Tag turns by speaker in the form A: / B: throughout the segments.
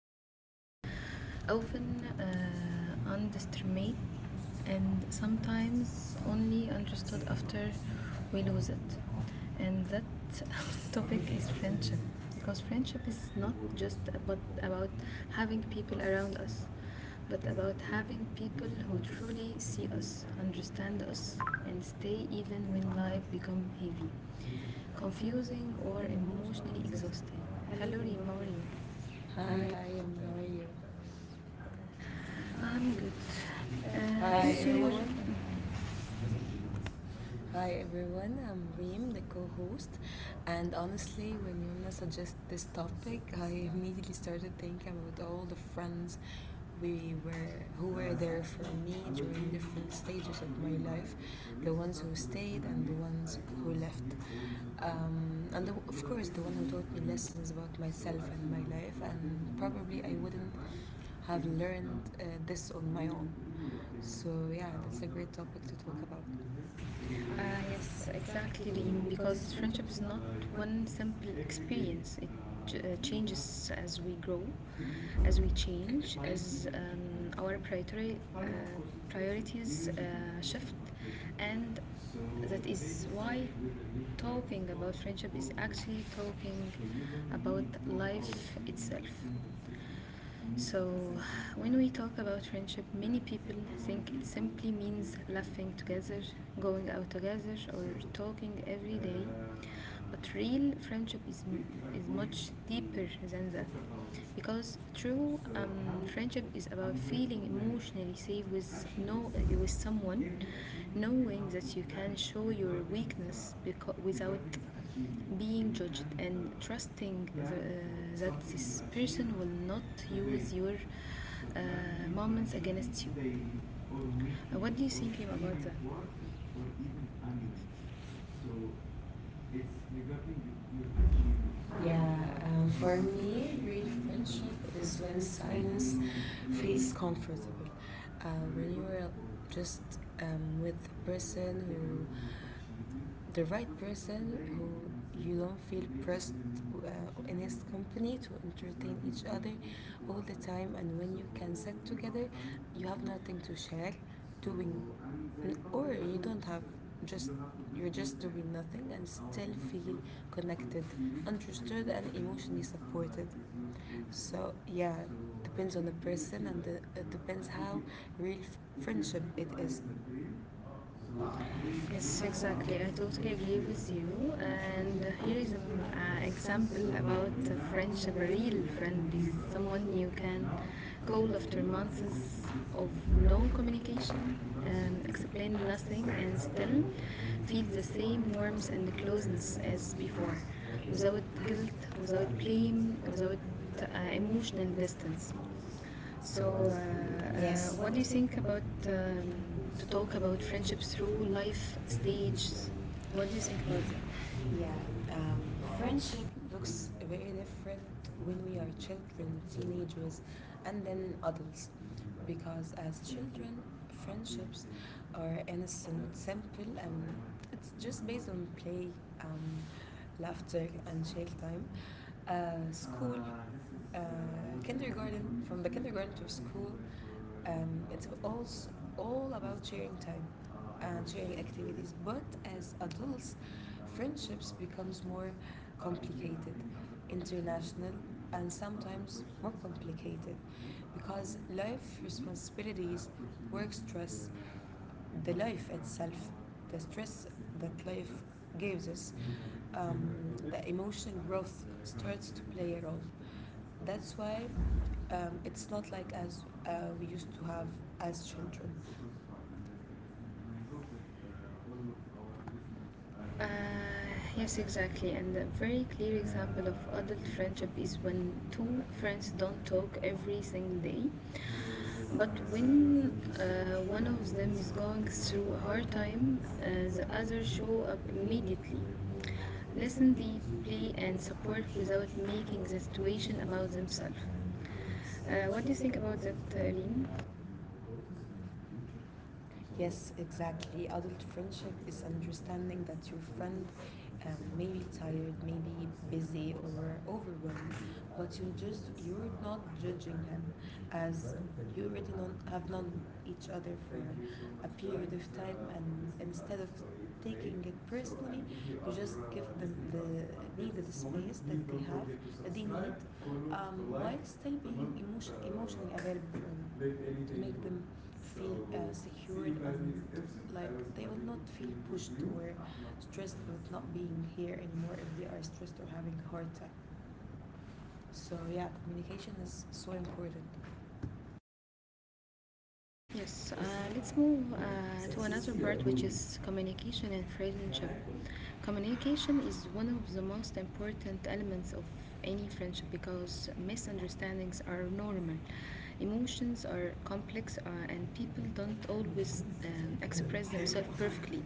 A: granted,
B: granted,
A: often
B: often underestimate,
A: underestimated
B: and
A: and
B: sometimes
A: sometimes
B: only
A: only
B: understood
A: understood
B: after
A: after
B: we
A: we lose
B: lose it.
A: it. And
B: And
A: that
B: that
A: topic
B: topic is
A: is friendship
B: friendship,
A: because
B: because
A: friendship
B: friendship is
A: is not
B: not
A: just
B: just
A: about,
B: about,
A: about
B: about having
A: having
B: people
A: people around
B: around us,
A: us, but
B: but
A: about
B: about having
A: having people
B: people who
A: who
B: truly
A: truly
B: see
A: see us,
B: us, understand
A: understand
B: us,
A: us,
B: and
A: and
B: stay
A: stay
B: even
A: even
B: when
A: when life
B: life becomes
A: becomes
B: heavy,
A: heavy,
B: confusing,
A: confusing,
B: or
A: or
B: emotionally
A: emotionally
B: exhausting.
A: exhausting.
B: Hello,
A: Hello,
B: Reem,
A: Reem,
B: how
A: how
B: are you?
A: are you?
B: Hi,
A: Hi.
B: hi, how are you? I'm
A: I'm
B: good.
A: good.
B: Uh,
A: Uh, Hi
B: Hi, so
A: please
B: everyone.
A: everyone.
B: Hi, everyone. I'm Reem, the co host. And honestly, when Yumna suggested this topic, I immediately started thinking about all the friends we were who were there for me during different stages of my life, the ones who stayed and the ones who left, and of course, the one who taught me lessons about myself and my life, and probably I wouldn't have learned this on my own. So yeah, that's a great topic to talk about.
A: Uh,
B: Yes,
A: yes,
B: exactly,
A: exactly,
B: Reem,
A: Reem,
B: because
A: because
B: friendship
A: friendship
B: is
A: is
B: not
A: not
B: one.
A: one simple experience. It changes as we grow, as we change, as our priorities shift, and that is why talking about friendship is actually talking about life itself. So, when we talk about friendship, many people think it simply means laughing together, going out together, or talking every day. But real friendship is much deeper than that. Because true friendship is about feeling emotionally safe with, no, with someone, knowing that you can show your weakness without being judged and trusting that this person will not use your uh, moments against you. What do you think about that? Yeah,
B: Yeah, for
A: for
B: me
A: me,
B: real
A: real
B: friendship
A: friendship
B: is
A: is
B: when
A: when
B: silence
A: silence
B: feels
A: feels.
B: comfortable, when you are just with the person, the right person, who you don't feel pressed uh, in his company to entertain each other all the time, and when you can sit together, you have nothing to share, doing, or you don't have, just, you're just doing nothing and still feel connected, understood, and emotionally supported. So yeah, depends on the person, and the, it depends how real f- friendship it is. Yes,
A: Yes,
B: exactly.
A: exactly.
B: I
A: I
B: totally
A: totally
B: agree
A: agree
B: with
A: with
B: you.
A: you.
B: And
A: And
B: here
A: here
B: is
A: is
B: an
A: an
B: example
A: example
B: about
A: about
B: a
A: a
B: friendship.
A: friendship,
B: A
A: a
B: real
A: real
B: friend
A: friend
B: is
A: is
B: someone
A: someone
B: you
A: you
B: can
A: can
B: call
A: call
B: after
A: after
B: months
A: months
B: of
A: of
B: no
A: no
B: communication,
A: communication,
B: and explain
A: explain
B: nothing,
A: nothing,
B: and
A: and
B: still
A: still
B: feel
A: feel
B: the
A: the
B: same
A: same
B: warmth
A: warmth
B: and
A: and
B: closeness
A: closeness
B: as
A: as
B: before,
A: before,
B: without
A: without
B: guilt,
A: guilt,
B: without
A: without
B: blame,
A: blame,
B: without
A: without
B: uh,
A: uh,
B: emotional
A: emotional
B: distance.
A: distance.
B: So,
A: So,
B: uh, uh, yes.
A: Yes.
B: What
A: What
B: do
A: do
B: you
A: you
B: think
A: think
B: about
A: about
B: um, to
A: to
B: talk
A: talk
B: about
A: about
B: friendships
A: friendships
B: through
A: through
B: life
A: life
B: stages?
A: stages?
B: What
A: What
B: do
A: do
B: you
A: you
B: think
A: think
B: about
A: about
B: it?
A: that? Yeah,
B: Yeah, um, friendship
A: friendship.
B: looks very different when we are children, teenagers, and then adults. Because as children, friendships are innocent, simple, and it's just based on play, um, laughter, and chill time. School, uh, kindergarten, from the kindergarten to school, it's all about sharing time and sharing activities. But as adults, friendships becomes more complicated, international, and sometimes more complicated, because life responsibilities, work stress, the life itself, the stress that life gives us, um, the emotional growth starts to play a role. That's why it's not like as we used to have as children. Uh,
A: Uh,
B: yes,
A: yes,
B: exactly.
A: exactly.
B: And
A: And
B: a
A: a
B: very
A: very clear
B: clear example
A: example
B: of
A: of
B: adult
A: adult
B: friendship
A: friendship
B: is
A: is
B: when
A: when
B: two
A: two
B: friends
A: friends
B: don't
A: don't
B: talk
A: talk
B: every
A: every
B: single
A: single
B: day,
A: day,
B: but
A: but when
B: when one
A: one
B: of
A: of
B: them
A: them
B: is
A: is
B: going
A: going
B: through
A: through a
B: a hard
A: hard
B: time,
A: time,
B: the
A: the
B: other
A: other
B: show
A: show
B: up
A: up
B: immediately,
A: immediately.
B: listen
A: Listen
B: deeply,
A: deeply
B: and
A: and
B: support
A: support
B: without
A: without
B: making
A: making
B: the
A: the
B: situation
A: situation
B: about
A: about
B: themselves.
A: themselves.
B: What
A: What
B: do
A: do
B: you
A: you
B: think
A: think
B: about
A: about
B: that,
A: that,
B: Reem?
A: Reem?
B: Yes, exactly. Adult friendship is understanding that your friend may be tired, may be busy or overwhelmed, but you're not judging him, as you already have known each other for a period of time, and instead of taking it personally, you just give them the needed space that they need, while still being emotionally available for them, to make them feel secured, and like they will not feel pushed or stressed with not being here anymore if they are stressed or having a hard time. So yeah, communication is so important.
A: Yes, let's move to another part, which is communication and friendship. Communication is one of the most important elements of any friendship because misunderstandings are normal. Emotions are complex and people don't always express themselves perfectly.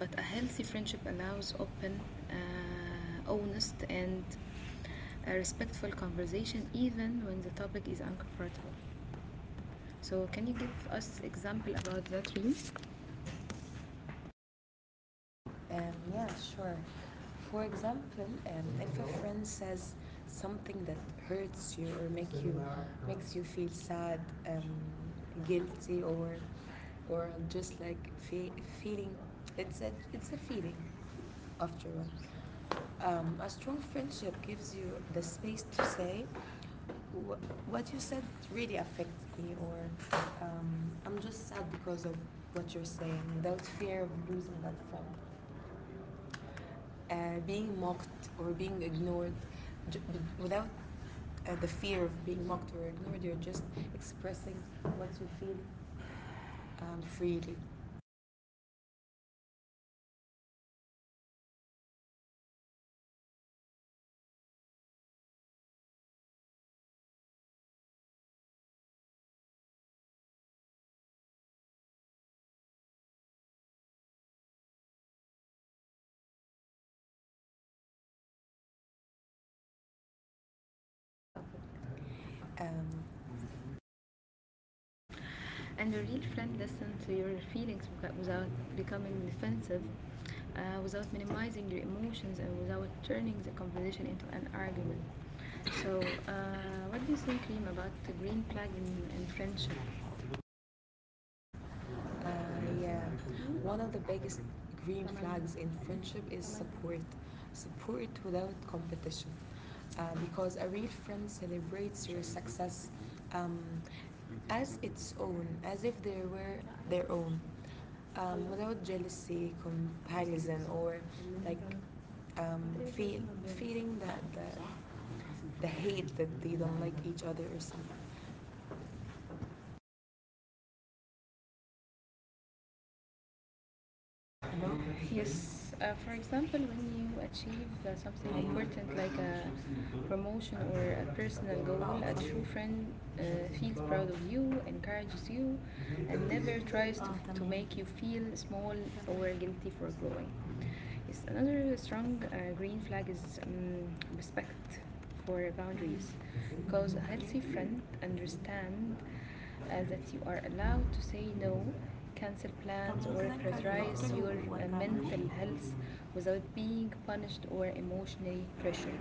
A: But a healthy friendship allows open, honest, and a respectful conversation even when the topic is uncomfortable. So, can you give us example about that, Reem?
B: Yeah, sure. For example, if a friend says something that hurts you or make you makes you feel sad, um, guilty, or just like feeling, it's a feeling after all. A strong friendship gives you the space to say wh- what you said really affects me, or I'm just sad because of what you're saying, without fear of losing that friend. Being mocked or being ignored, j- b- without the fear of being mocked or ignored, you're just expressing what you feel freely. Um,
A: And a real friend listens to your feelings without becoming defensive, without minimizing your emotions, and without turning the conversation into an argument. So, what do you think, Reem, about the green flag in friendship?
B: Uh, yeah. One of the biggest green flags in friendship is support. Support without competition. Because a real friend celebrates your success um, as its own, as if they were their own, without jealousy, comparison, or like um, feel, feeling that the hate, that they don't like each other or something.
A: You know? Yes, for example, when you achieve something important like a promotion or a personal goal, a true friend uh, feels proud of you, encourages you, and never tries to make you feel small or guilty for growing. Yes, another strong green flag is respect for boundaries because a healthy friend understand that you are allowed to say no, cancel plans, or prioritize your mental health without being punished or emotionally pressured.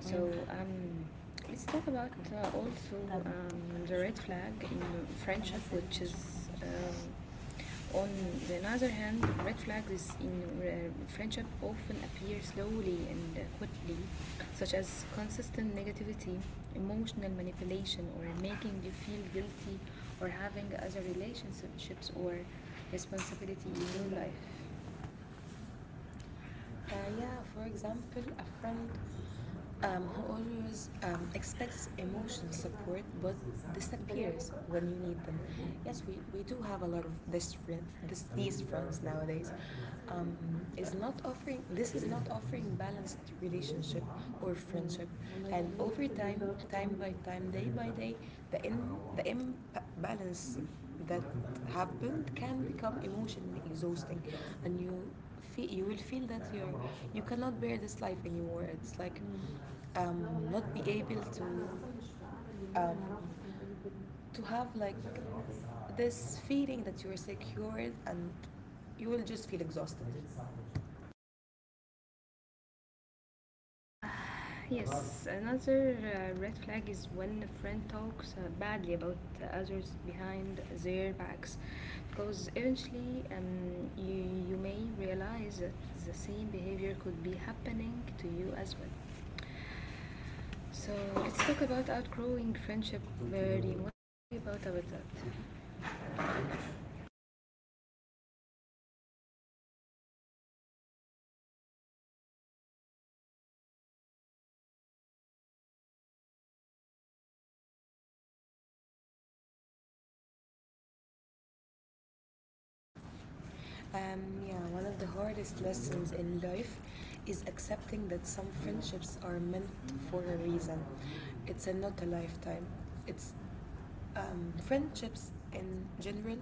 A: So let's talk about also the red flag in friendship, which is um on the other hand, red flags in friendship often appear slowly and quickly, such as consistent negativity, emotional manipulation, or making you feel guilty, or having other relationships or responsibility in your
B: Uh,
A: life.
B: yeah, for example, a friend, always expects emotional support but disappears when you need them. Yes, we do have a lot of this, these friends nowadays. Um, is not offering balanced relationship or friendship, and over time, time by time, day by day, the in, the imbalance that happened can become emotionally exhausting, and you will feel that you're, you cannot bear this life anymore. It's like um, not be able um, to have like this feeling that you're secured, and you will just feel exhausted.
A: Yes, another red flag is when a friend talks badly about others behind their backs, because eventually you may realize that the same behavior could be happening to you as well. So let's talk about outgrowing friendship. Very, what do you about that?
B: um, yeah, one of the hardest lessons in life is accepting that some friendships are meant for a reason. It's not a lifetime. It's friendships in general,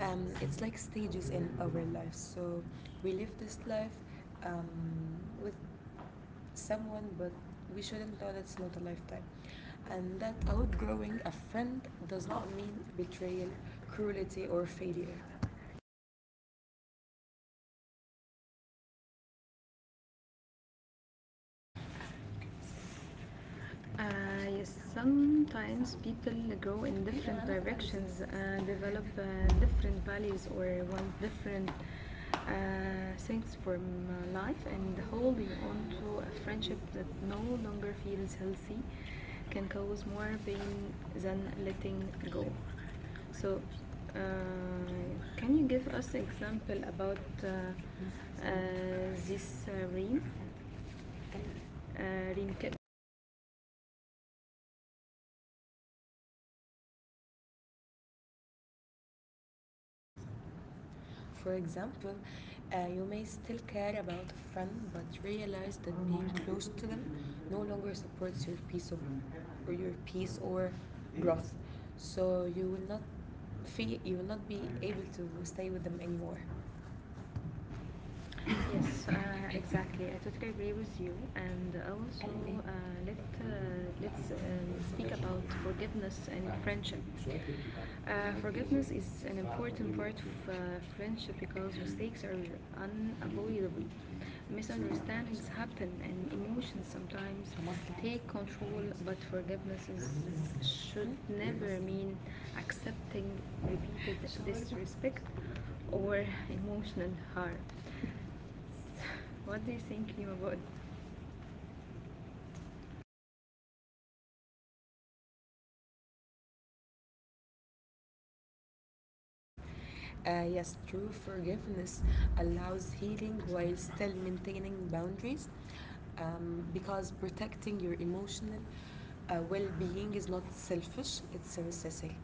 B: it's like stages in our life. So we live this life um, with someone, but we shouldn't know that it's not a lifetime, and that outgrowing a friend does not mean betrayal, cruelty, or failure.
A: Yes, sometimes people grow in different directions, develop different values, or want different things from life and holding on to a friendship that no longer feels healthy can cause more pain than letting go. So, uh, can you give us example about uh, uh, this Reem, uh, Reem Kip?
B: For example, you may still care about a friend but realize that being close to them no longer supports your peace or growth. So you will not feel you will not be able to stay with them anymore.
A: Yes, exactly. I totally agree with you, and also let uh, let's speak about forgiveness and friendship. Forgiveness is an important part of friendship because mistakes are unavoidable. Misunderstandings happen and emotions sometimes take control, but forgiveness should never mean accepting repeated disrespect or emotional harm. What do you think, Nima, about.
B: Yes, true forgiveness allows healing while still maintaining boundaries, because protecting your emotional well being is not selfish, it's a necessity.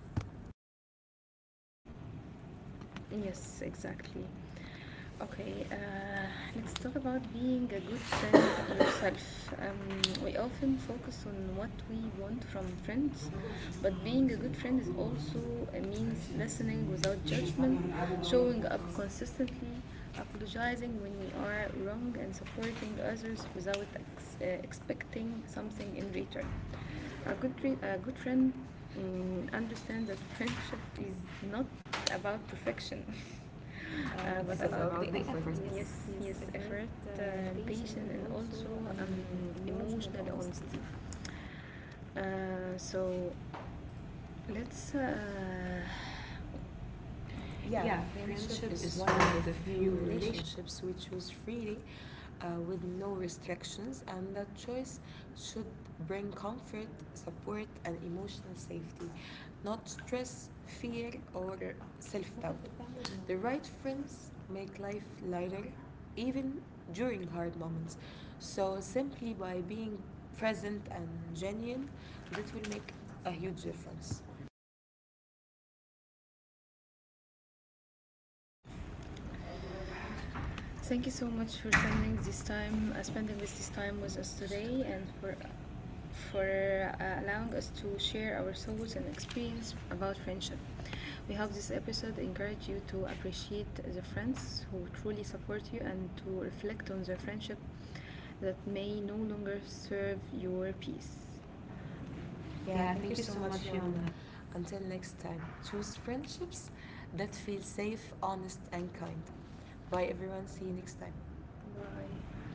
A: Yes, exactly. Okay, let's talk about being a good friend to yourself. We often focus on what we want from friends, but being a good friend is also means listening without judgment, showing up consistently, apologizing when we are wrong, and supporting others without expecting something in return. A good friend understands that friendship is not about perfection.
B: What,
A: What.
B: it's
A: It's about,
B: about
A: about
B: the
A: the
B: effort.
A: effort. Yes,
B: Yes, yes,
A: yes,
B: effort,
A: effort, uh,
B: patience,
A: patience,
B: and
A: and
B: also
A: also
B: emotional
A: emotional
B: honesty.
A: honesty. Uh, so let's
B: Yeah,
A: Yeah,
B: friendship
A: friendship
B: is
A: is
B: one
A: one
B: of the
A: of the
B: few
A: few relationships.
B: relationships we choose freely, with no restrictions, and that choice should bring comfort, support, and emotional safety, not stress, fear, or self doubt. The right friends make life lighter, even during hard moments. So, simply by being present and genuine, that will make a huge difference.
A: Thank you so much for spending this time, spending with this time with us today and for allowing us to share our thoughts and experience about friendship. We hope this episode encouraged you to appreciate the friends who truly support you and to reflect on the friendship that may no longer serve your peace.
B: Yeah,
A: Yeah,
B: thank you
A: thank you
B: so
A: so
B: much,
A: much,
B: Yomna.
A: Yomna.
B: Until next time, choose friendships that feel safe, honest, and kind. Bye, everyone. See you next time.
A: Bye.